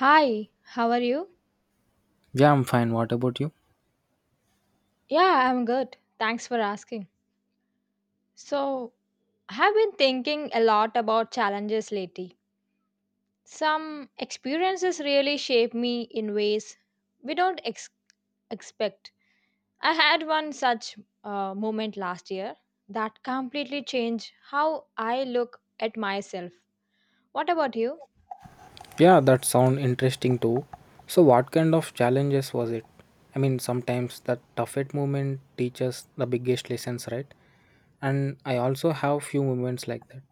Hi, how are you? Yeah, I'm fine. What about you? Yeah, I'm good. Thanks for asking. So, I have been thinking a lot about challenges lately. Some experiences really shape me in ways we don't ex- expect. I had one such moment last year that completely changed how I look at myself. What about you? Yeah, that sound interesting too. So what kind of challenges was it? I mean, sometimes that toughest moment teaches the biggest lessons, right? And I also have few moments like that.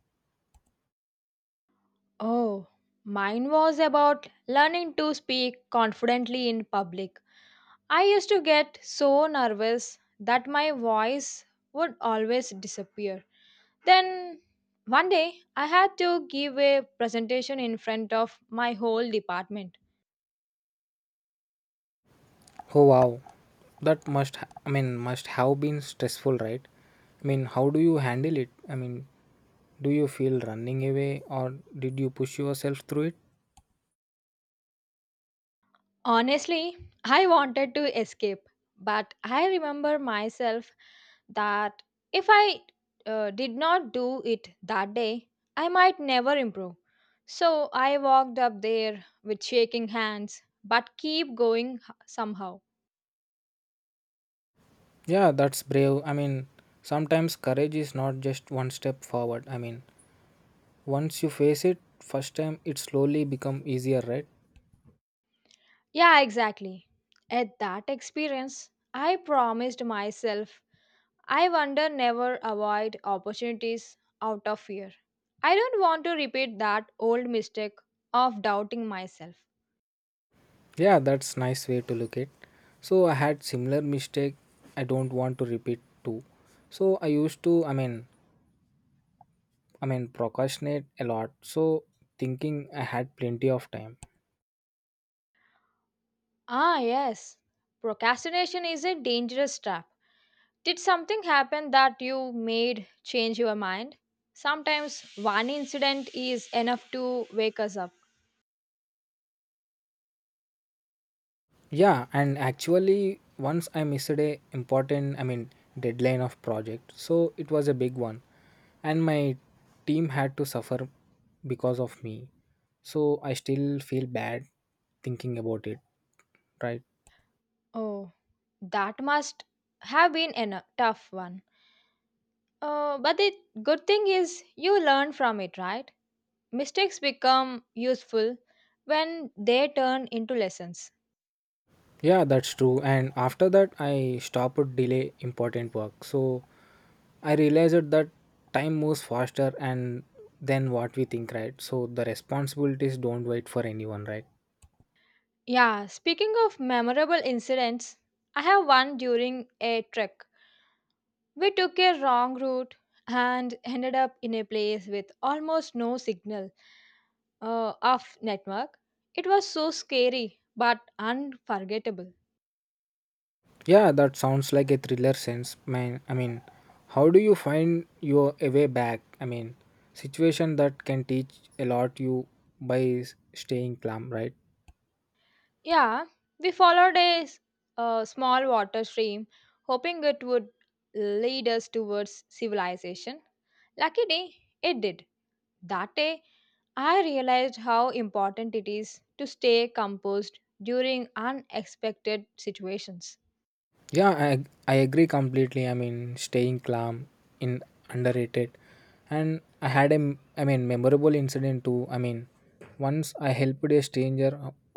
Oh, mine was about learning to speak confidently in public. I used to get so nervous that my voice would always disappear. Then one day I had to give a presentation in front of my whole department. Oh wow. That must I mean must have been stressful, right? I mean, how do you handle it? I mean, do you feel running away or did you push yourself through it? Honestly, I wanted to escape, but I remember myself that if I did not do it that day, I might never improve. So I walked up there with shaking hands, but keep going somehow. Yeah, that's brave. I mean, sometimes courage is not just one step forward. I mean, once you face it first time it slowly become easier, right? Yeah, exactly. At that experience, I promised myself I wonder never avoid opportunities out of fear. I don't want to repeat that old mistake of doubting myself. Yeah, that's nice way to look at. So I had similar mistake, I don't want to repeat too. So i used to, I mean, I mean procrastinate a lot, so thinking I had plenty of time. Ah, yes. Procrastination is a dangerous trap. Did something happen that you made change your mind? Sometimes one incident is enough to wake us up. Yeah, and actually once I missed a important, I mean, deadline of project, so it was a big one, and my team had to suffer because of me. So I still feel bad thinking about it, right? Oh, that must have been a tough one. But the good thing is you learn from it, right? Mistakes become useful when they turn into lessons. Yeah, that's true, and after that I stopped to delay important work. So I realized that time moves faster and than what we think, right? So the responsibilities don't wait for anyone, right? Yeah, speaking of memorable incidents, I have one during a trek. We took a wrong route and ended up in a place with almost no signal of network. It was so scary but unforgettable. Yeah, that sounds like a thriller sense, man. I mean, how do you find your a way back? I mean, situation that can teach a lot you by staying calm, right? Yeah, we followed a small water stream, hoping it would lead us towards civilization. Lucky day, it did. That day, I realized how important it is to stay composed during unexpected situations. Yeah, I agree completely. I mean, staying calm in underrated, and I had a I mean memorable incident too. I mean, once I helped a stranger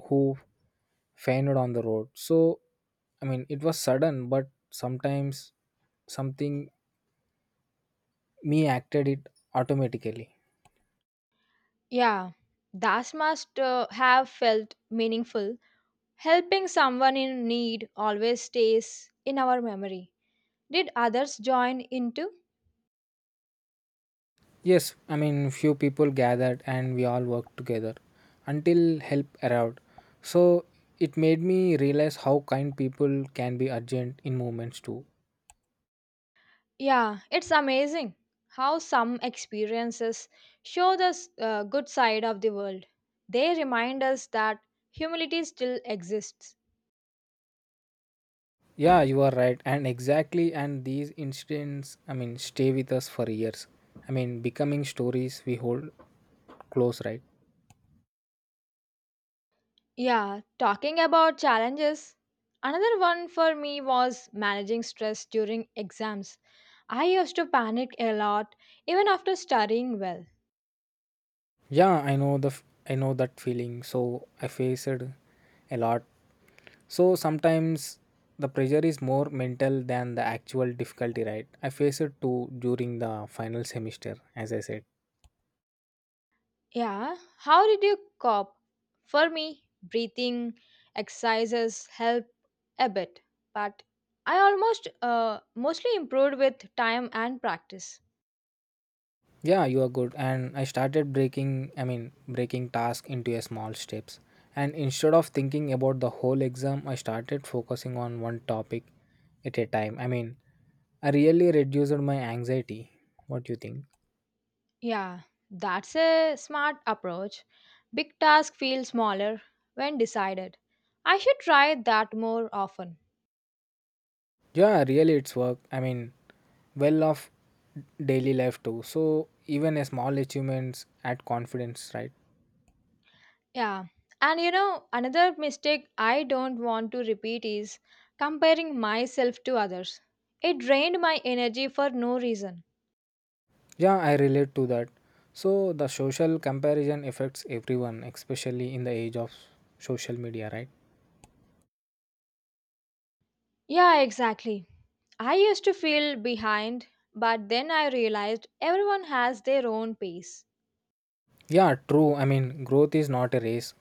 who fainted on the road. So, I mean, it was sudden, but sometimes something me acted it automatically. Yeah, that must have felt meaningful. Helping someone in need always stays in our memory. Did others join in too? Yes, I mean, few people gathered and we all worked together until help arrived. So it made me realize how kind people can be urgent in moments too. Yeah, it's amazing how some experiences show the good side of the world. They remind us that humility still exists. Yeah, you are right. And exactly, and these incidents, I mean, stay with us for years. I mean, becoming stories we hold close, right? Yeah, talking about challenges, another one for me was managing stress during exams. I used to panic a lot even after studying well. Yeah, I know that feeling. So I faced a lot. So sometimes the pressure is more mental than the actual difficulty, right? I faced it too during the final semester, as I said. Yeah, how did you cope? For me, breathing exercises helped. A bit, but I almost mostly improved with time and practice. Yeah, you are good. And I started breaking, I mean, breaking task into a small steps. And instead of thinking about the whole exam, I started focusing on one topic at a time. I mean, I really reduced my anxiety. What do you think? Yeah, that's a smart approach. Big tasks feel smaller when decided. I should try that more often. Yeah, really, it's work. I mean, well of daily life too. So even a small achievements add confidence, right? Yeah, and you know, another mistake I don't want to repeat is comparing myself to others. It drained my energy for no reason. Yeah, I relate to that. So the social comparison affects everyone, especially in the age of social media, right? Yeah, exactly. I used to feel behind, but then I realized everyone has their own pace. Yeah, true. I mean, growth is not a race.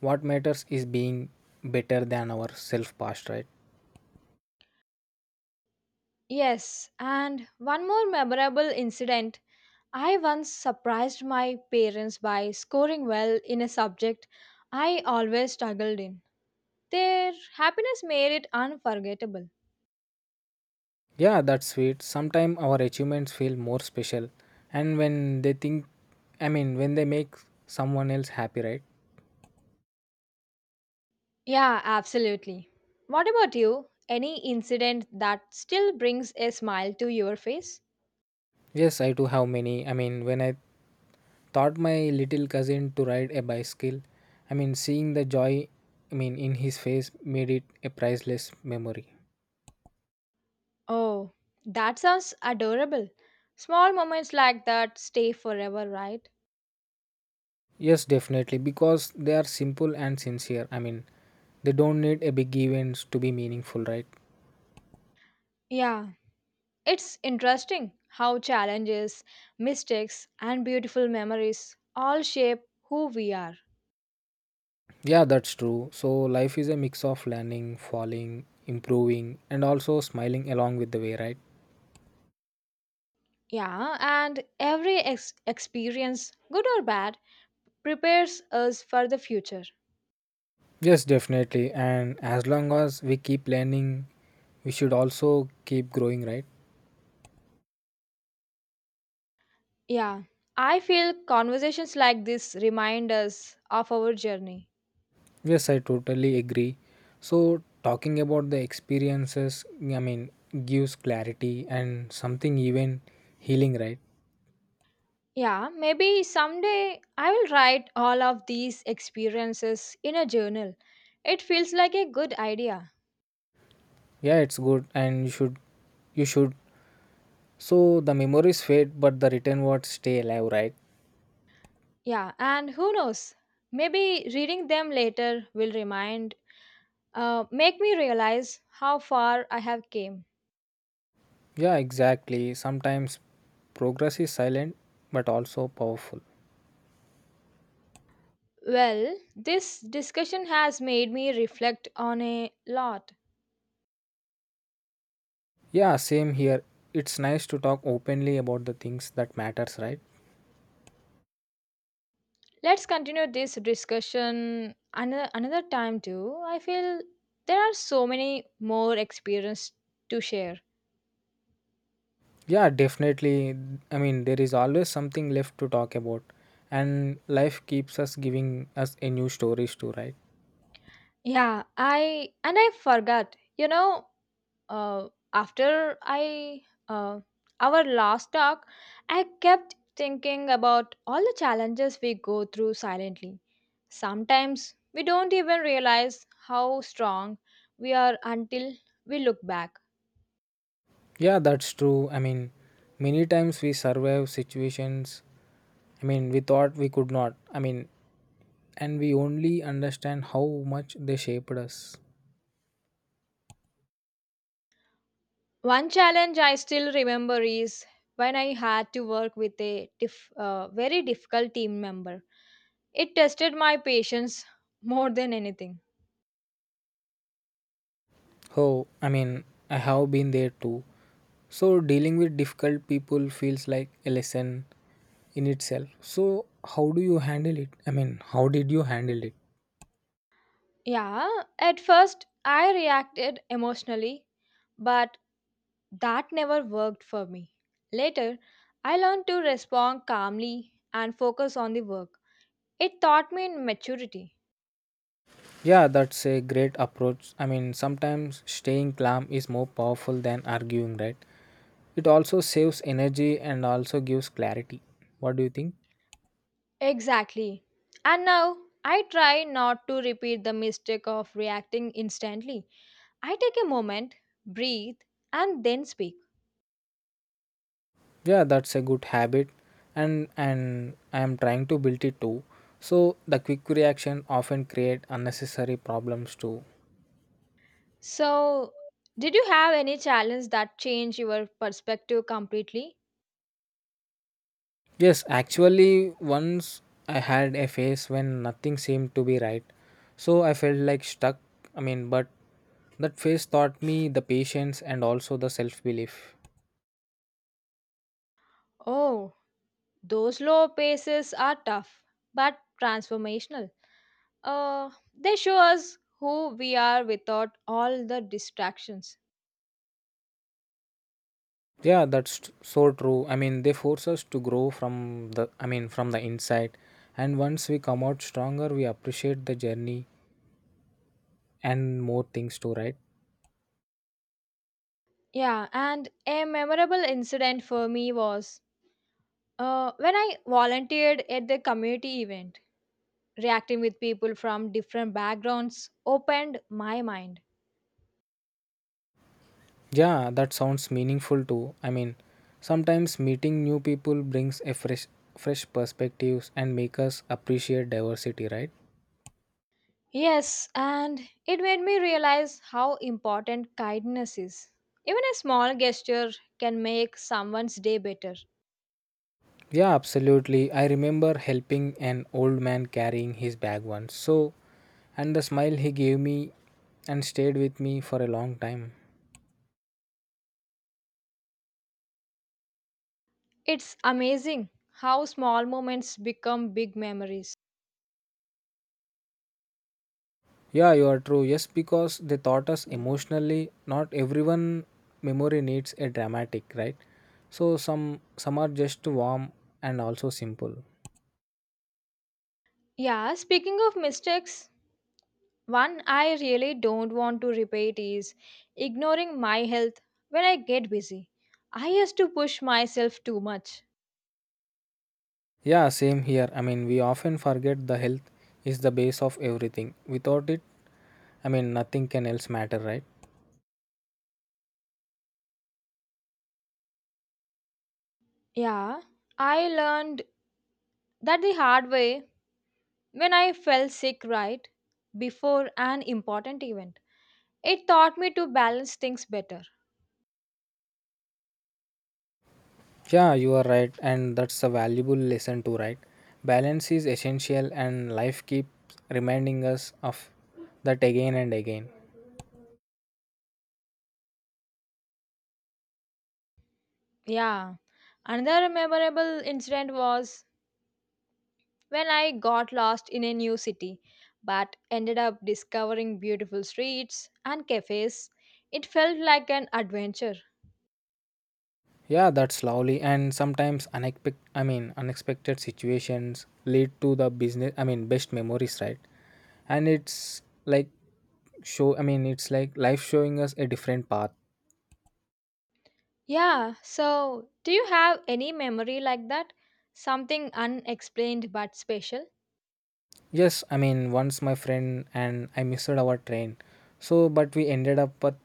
What matters is being better than our self past, right? Yes, and one more memorable incident I once surprised my parents by scoring well in a subject I always struggled in. Their happiness made it unforgettable. Yeah, that's sweet. Sometimes our achievements feel more special, and when they think, I mean, when they make someone else happy, right? Yeah, absolutely. What about you? Any incident that still brings a smile to your face? Yes, I do have many. I mean, when I taught my little cousin to ride a bicycle. I mean, seeing the joy, I mean, in his face made it a priceless memory. Oh, that sounds adorable. Small moments like that stay forever, right? Yes, definitely, because they are simple and sincere. I mean, they don't need a big events to be meaningful, right? Yeah, it's interesting how challenges, mistakes, and beautiful memories all shape who we are. Yeah, that's true. So life is a mix of learning, falling, improving, and also smiling along with the way, right? Yeah, and experience, good or bad, prepares us for the future. Yes, definitely. And as long as we keep learning, we should also keep growing, right? Yeah, I feel conversations like this remind us of our journey. Yes, I totally agree. So, talking about the experiences, I mean, gives clarity and something even healing, right? Yeah, maybe someday I will write all of these experiences in a journal. It feels like a good idea. Yeah, it's good, and you should, you should. So the memories fade, but the written words stay alive, right? Yeah, and who knows? Maybe reading them later will make me realize how far I have came. Yeah, exactly. Sometimes progress is silent, but also powerful. Well, this discussion has made me reflect on a lot. Yeah, same here. It's nice to talk openly about the things that matters, right? Let's continue this discussion another time too. I feel there are so many more experiences to share. Yeah, definitely. I mean, there is always something left to talk about, and life keeps us giving us a new stories to write. Yeah, I and I forgot. You know, after I uh, our last talk, I kept thinking about all the challenges we go through silently. Sometimes we don't even realize how strong we are until we look back. Yeah, that's true. I mean, many times we survive situations. I mean, we thought we could not. I mean, and we only understand how much they shaped us. One challenge I still remember is when I had to work with a very difficult team member. It tested my patience more than anything. Oh, I mean, I have been there too. So, dealing with difficult people feels like a lesson in itself. So, how do you handle it? I mean, how did you handle it? Yeah, at first I reacted emotionally, but that never worked for me. Later, I learned to respond calmly and focus on the work. It taught me maturity. Yeah, that's a great approach. I mean, sometimes staying calm is more powerful than arguing, right? It also saves energy and also gives clarity. What do you think? Exactly. And now I try not to repeat the mistake of reacting instantly. I take a moment, breathe, and then speak. Yeah, that's a good habit, and I am trying to build it too. So the quick reaction often create unnecessary problems too. So, did you have any challenge that changed your perspective completely? Yes, actually, once I had a phase when nothing seemed to be right. So I felt like stuck. I mean, but that phase taught me the patience and also the self belief. Oh, those low paces are tough, but transformational. They show us who we are without all the distractions. Yeah, that's so true. I mean, they force us to grow from the, I mean, from the inside. And once we come out stronger, we appreciate the journey and more things too, right? Yeah, and a memorable incident for me was when I volunteered at the community event. Reacting with people from different backgrounds opened my mind. Yeah, that sounds meaningful too. I mean, sometimes meeting new people brings a fresh perspectives and make us appreciate diversity, right? Yes, and it made me realize how important kindness is. Even a small gesture can make someone's day better. Yeah, absolutely. I remember helping an old man carrying his bag once. So, and the smile he gave me and stayed with me for a long time. It's amazing how small moments become big memories. Yeah, you are true. Yes, because they taught us emotionally, not everyone memory needs a dramatic, right? So some are just warm and also simple. Yeah, speaking of mistakes, one I really don't want to repeat is ignoring my health when I get busy. I used to push myself too much. Yeah, same here. I mean, we often forget the health is the base of everything. Without it, I mean, nothing can else matter, right? Yeah, I learned that the hard way when I fell sick right before an important event. It taught me to balance things better. Yeah, you are right, and that's a valuable lesson to write. Balance is essential, and life keeps reminding us of that again and again. Yeah, another memorable incident was when I got lost in a new city, but ended up discovering beautiful streets and cafes. It felt like an adventure. Yeah, that's slowly and sometimes unexpected. I mean, unexpected situations lead to the business. I mean, best memories, right? And it's like show. I mean, it's like life showing us a different path. Yeah, so do you have any memory like that? Something unexplained but special? Yes, I mean once my friend and I missed our train. So but we ended up with,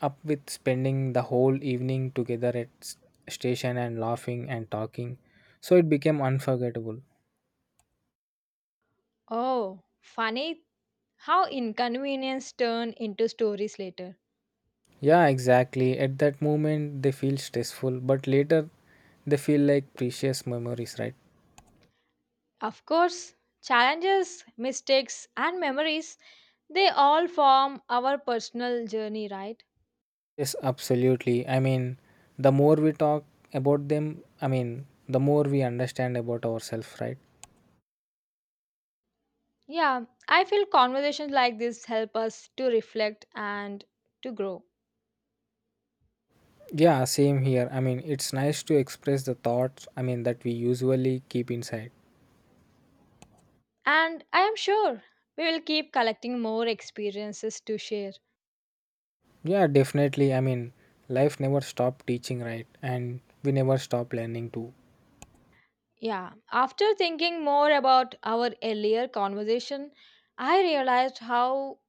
up with spending the whole evening together at station and laughing and talking. So it became unforgettable. Oh, funny how inconvenience turn into stories later. Yeah, exactly. At that moment they feel stressful, but later they feel like precious memories, right? Of course, challenges, mistakes, and memories, they all form our personal journey, right? Yes, absolutely. I mean, the more we talk about them, I mean, the more we understand about ourselves, right? Yeah, I feel conversations like this help us to reflect and to grow. Yeah, same here. I mean, it's nice to express the thoughts, I mean, that we usually keep inside. And I am sure we will keep collecting more experiences to share. Yeah, definitely. I mean, life never stop teaching, right? And we never stop learning too. Yeah, after thinking more about our earlier conversation, I realized how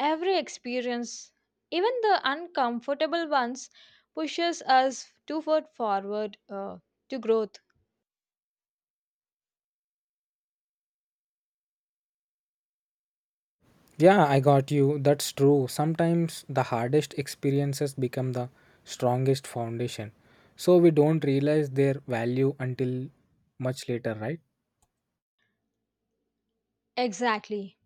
every experience, even the uncomfortable ones, pushes us to foot forward to growth. Yeah, I got you. That's true. Sometimes the hardest experiences become the strongest foundation. So we don't realize their value until much later, right? Exactly.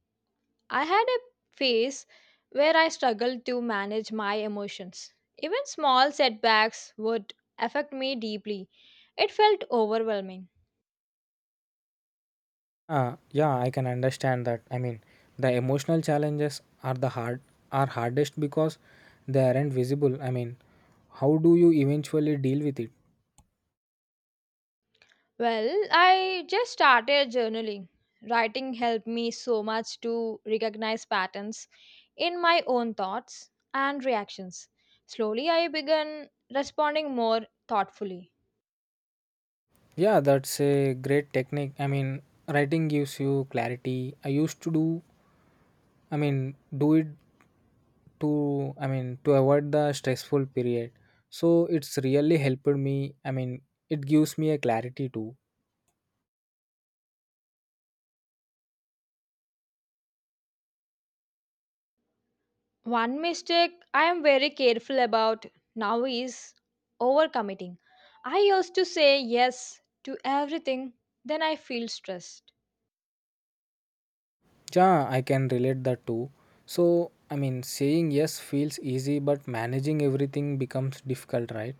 I had a phase where I struggled to manage my emotions. Even small setbacks would affect me deeply. It felt overwhelming. Yeah, I can understand that. I mean, the emotional challenges are the hard are hardest because they aren't visible. I mean, how do you eventually deal with it? Well, I just started journaling. Writing helped me so much to recognize patterns in my own thoughts and reactions. Slowly, I began responding more thoughtfully. Yeah, that's a great technique. I mean, writing gives you clarity. I used to do, I mean, do it to, I mean, to avoid the stressful period. So it's really helped me. I mean, it gives me a clarity too. One mistake I am very careful about now is overcommitting. I used to say yes to everything, then I feel stressed. Yeah, I can relate that too. So, I mean, saying yes feels easy, but managing everything becomes difficult, right?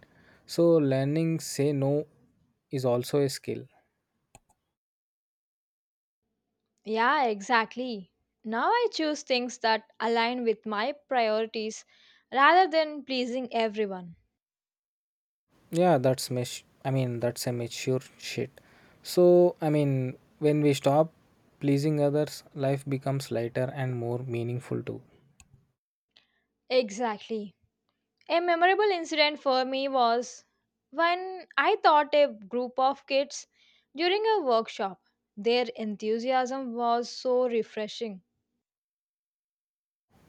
So, learning say no is also a skill. Yeah, exactly. Now I choose things that align with my priorities rather than pleasing everyone. Yeah, that's mesh. I mean, that's a mature shit. So, I mean, when we stop pleasing others, life becomes lighter and more meaningful too. Exactly. A memorable incident for me was when I taught a group of kids during a workshop. Their enthusiasm was so refreshing.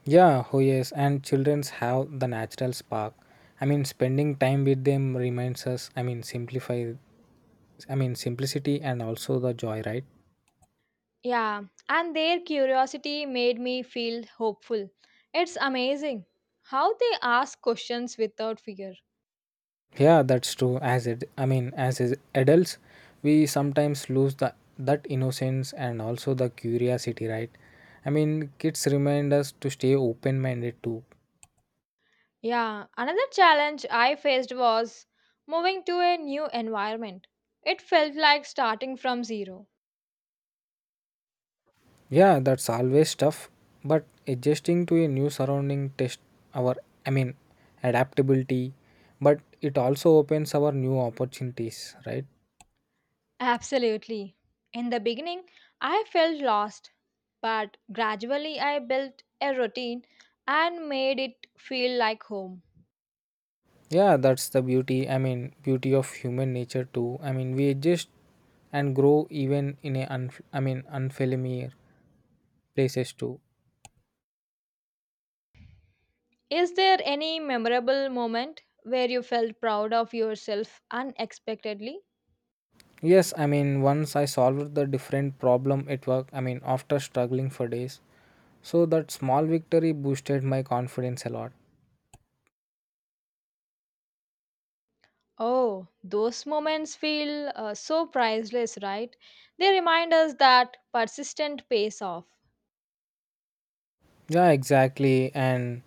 Yeah, oh yes, and childrens have the natural spark. I mean, spending time with them reminds us. I mean, simplify. I mean, simplicity and also the joy, right? Yeah, and their curiosity made me feel hopeful. It's amazing how they ask questions without fear. Yeah, that's true. As it, I mean, as is adults, we sometimes lose the that innocence and also the curiosity, right? I mean, kids remind us to stay open-minded too. Yeah, another challenge I faced was moving to a new environment. It felt like starting from zero. Yeah, that's always tough, but adjusting to a new surrounding test our, I mean, adaptability, but it also opens our new opportunities, right? Absolutely. In the beginning, I felt lost, but gradually I built a routine and made it feel like home. Yeah, that's the beauty. I mean, beauty of human nature too. I mean, we adjust and grow even in a I mean unfamiliar places too. Is there any memorable moment where you felt proud of yourself unexpectedly? Yes, I mean, once I solved the different problem at work, I mean, after struggling for days. So that small victory boosted my confidence a lot. Oh, those moments feel so priceless, right? They remind us that persistent pays off. Yeah, exactly. And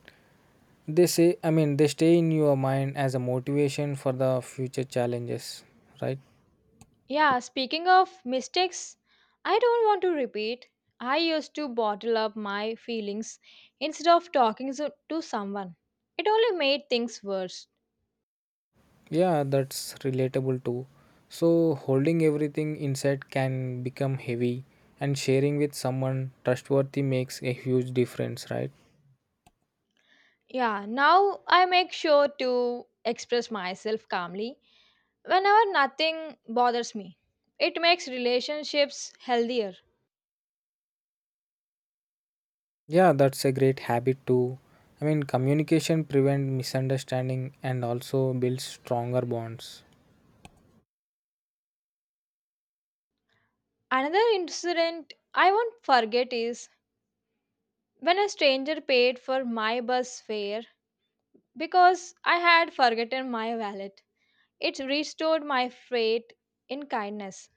they say, I mean, they stay in your mind as a motivation for the future challenges, right? Yeah, speaking of mistakes, I don't want to repeat. I used to bottle up my feelings instead of to someone. It only made things worse. Yeah, that's relatable too. So, holding everything inside can become heavy, and sharing with someone trustworthy makes a huge difference, right? Yeah, now I make sure to express myself calmly whenever nothing bothers me. It makes relationships healthier. Yeah, that's a great habit too. I mean, communication prevent misunderstanding and also builds stronger bonds. Another incident I won't forget is when a stranger paid for my bus fare because I had forgotten my wallet. It restored my freight in kindness.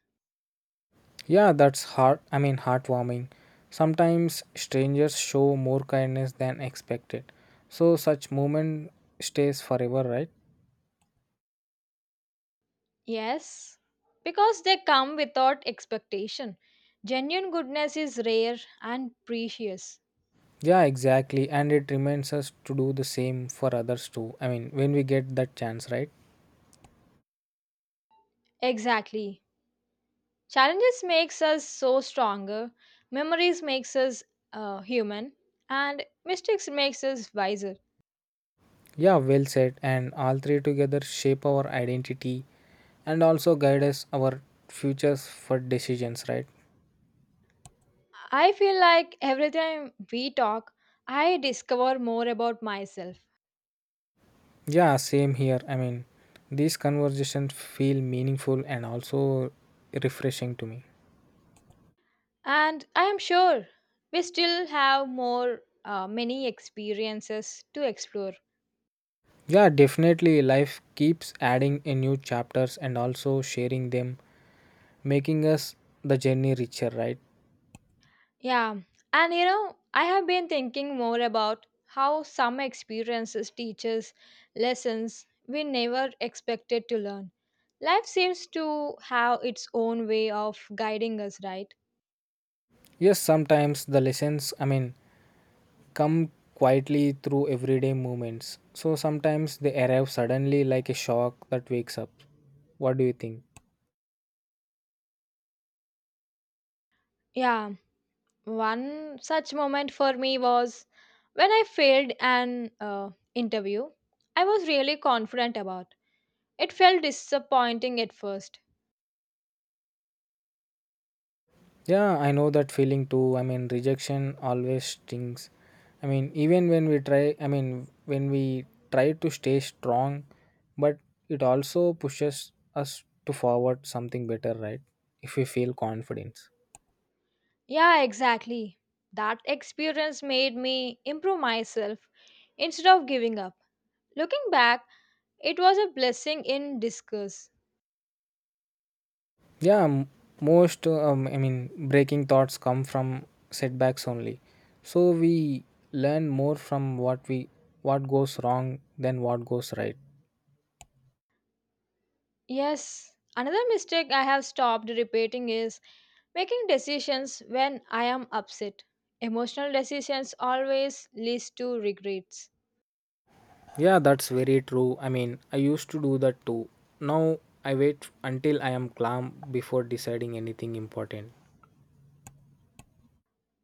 Yeah, that's heart. I mean, heartwarming. Sometimes strangers show more kindness than expected. So such moment stays forever, right? Yes, because they come without expectation. Genuine goodness is rare and precious. Yeah, exactly. And it reminds us to do the same for others too. I mean, when we get that chance, right? Exactly. Challenges makes us so stronger, memories makes us human, and mistakes makes us wiser. Yeah, well said. And all three together shape our identity and also guide us our futures for decisions, right? I feel like every time we talk I discover more about myself, Yeah, same here. I mean, these conversations feel meaningful and also refreshing to me. and I am sure we still have more many experiences to explore. Yeah, definitely life keeps adding in new chapters and also sharing them, making us the journey richer, right? Yeah, and you know, I have been thinking more about how some experiences teaches lessons we never expected to learn. Life seems to have its own way of guiding us, right? Yes, sometimes the lessons, I mean, come quietly through everyday moments. So sometimes they arrive suddenly like a shock that wakes up. What do you think? Yeah, one such moment for me was when I failed an interview. I was really confident about. It felt disappointing at first. Yeah, I know that feeling too. I mean, rejection always stings. I mean, even when we try, I mean, when we try to stay strong, but it also pushes us to forward something better, right? If we feel confidence. Yeah, exactly. That experience made me improve myself instead of giving up. Looking back, it was a blessing in disguise. Yeah, most, I mean, breaking thoughts come from setbacks only. So we learn more from what goes wrong than what goes right. Yes, another mistake I have stopped repeating is making decisions when I am upset. Emotional decisions always lead to regrets. Yeah, that's very true. I mean, I used to do that too. Now I wait until I am calm before deciding anything important.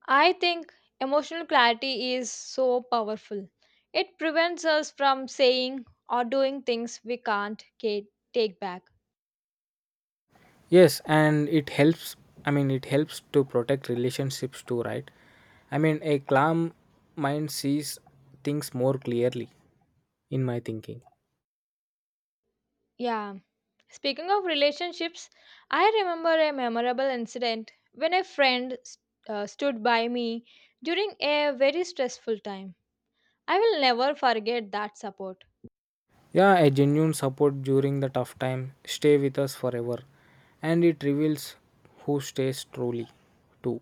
I think emotional clarity is so powerful. It prevents us from saying or doing things we can't ca- take back. Yes, and it helps. I mean, it helps to protect relationships too, right? I mean, a calm mind sees things more clearly in my thinking. Yeah. Speaking of relationships, I remember a memorable incident when a friend stood by me during a very stressful time. I will never forget that support. Yeah, a genuine support during the tough time stay with us forever and it reveals who stays truly too.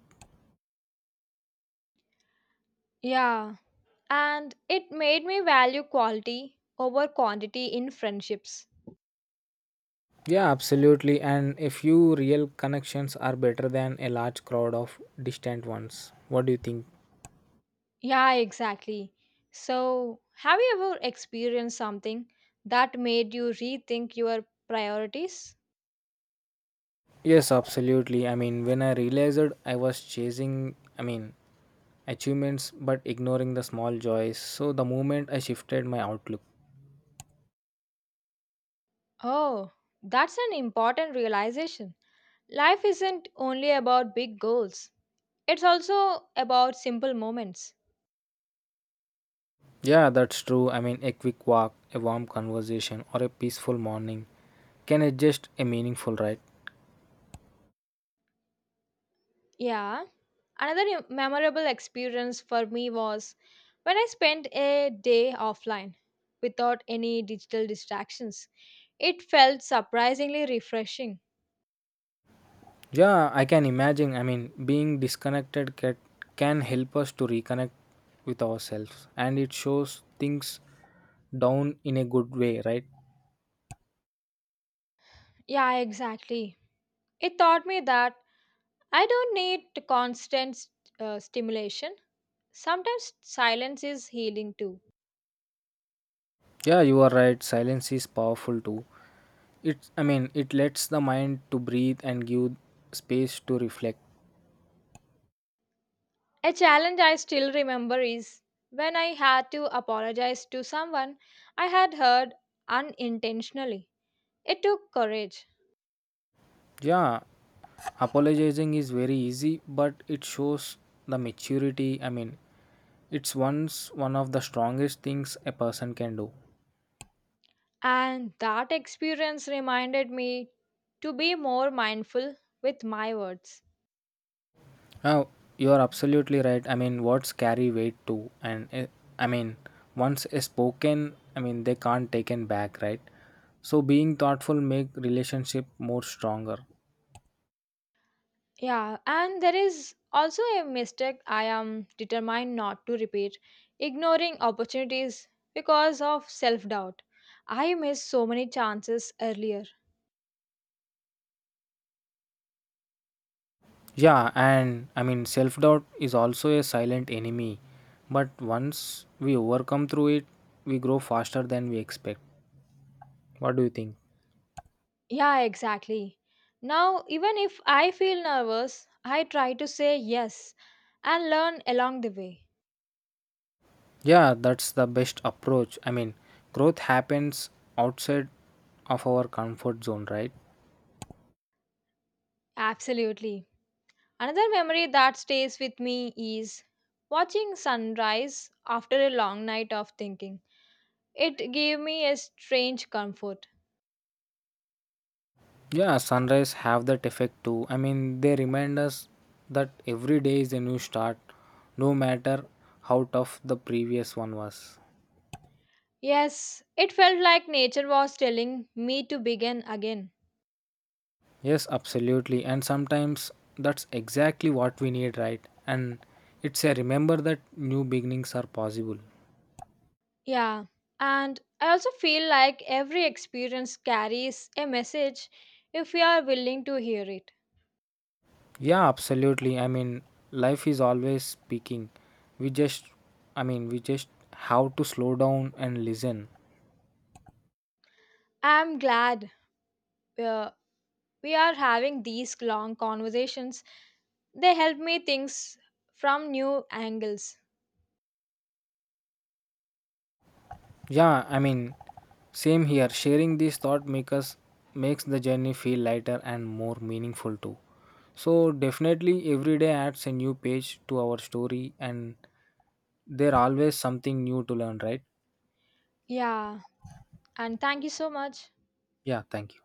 Yeah. And it made me value quality over quantity in friendships. Yeah, absolutely. And a few real connections are better than a large crowd of distant ones. What do you think? Yeah, exactly. So, have you ever experienced something that made you rethink your priorities? Yes, absolutely. I mean, when I realized I was chasing, I mean, achievements but ignoring the small joys, so the moment I shifted my outlook. Oh, that's an important realization. Life isn't only about big goals, it's also about simple moments. Yeah, that's true. I mean, a quick walk, a warm conversation, or a peaceful morning can adjust a meaningful, right? Yeah. Another memorable experience for me was when I spent a day offline without any digital distractions. It felt surprisingly refreshing. Yeah, I can imagine. I mean, being disconnected can help us to reconnect with ourselves and it shows things down in a good way, right? Yeah, exactly. It taught me that I don't need constant stimulation. Sometimes silence is healing too. Yeah, you are right. Silence is powerful too. It, I mean, it lets the mind to breathe and give space to reflect. A challenge I still remember is when I had to apologize to someone I had hurt unintentionally. It took courage, Yeah, apologizing is very easy, but it shows the maturity. I mean, it's once one of the strongest things a person can do. and that experience reminded me to be more mindful with my words. Oh, you are absolutely right. I mean, words carry weight too, and I mean, once is spoken, I mean, they can't taken back, right? So being thoughtful make relationship more stronger. Yeah, and there is also a mistake I am determined not to repeat ignoring opportunities because of self doubt. I missed so many chances earlier. Yeah, and I mean, self doubt is also a silent enemy, but once we overcome through it, we grow faster than we expect. What do you think? Yeah, exactly. Now, even if I feel nervous, I try to say yes and learn along the way. Yeah, that's the best approach. I mean, growth happens outside of our comfort zone, right? Absolutely. Another memory that stays with me is watching sunrise after a long night of thinking. It gave me a strange comfort. Yeah, sunrise have that effect too. I mean, they remind us that every day is a new start, no matter how tough the previous one was. Yes, it felt like nature was telling me to begin again. Yes, absolutely. And sometimes that's exactly what we need, right? And it's a remember that new beginnings are possible. Yeah, and I also feel like every experience carries a message if we are willing to hear it. Yeah, absolutely. I mean, life is always speaking. We just, I mean, we just have to slow down and listen. I'm glad uh, we are having these long conversations. They help me think from new angles. Yeah, I mean, same here. Sharing these thought makers makes the journey feel lighter and more meaningful too. So definitely, every day adds a new page to our story, and there always something new to learn, right? Yeah, and thank you so much. Yeah, thank you.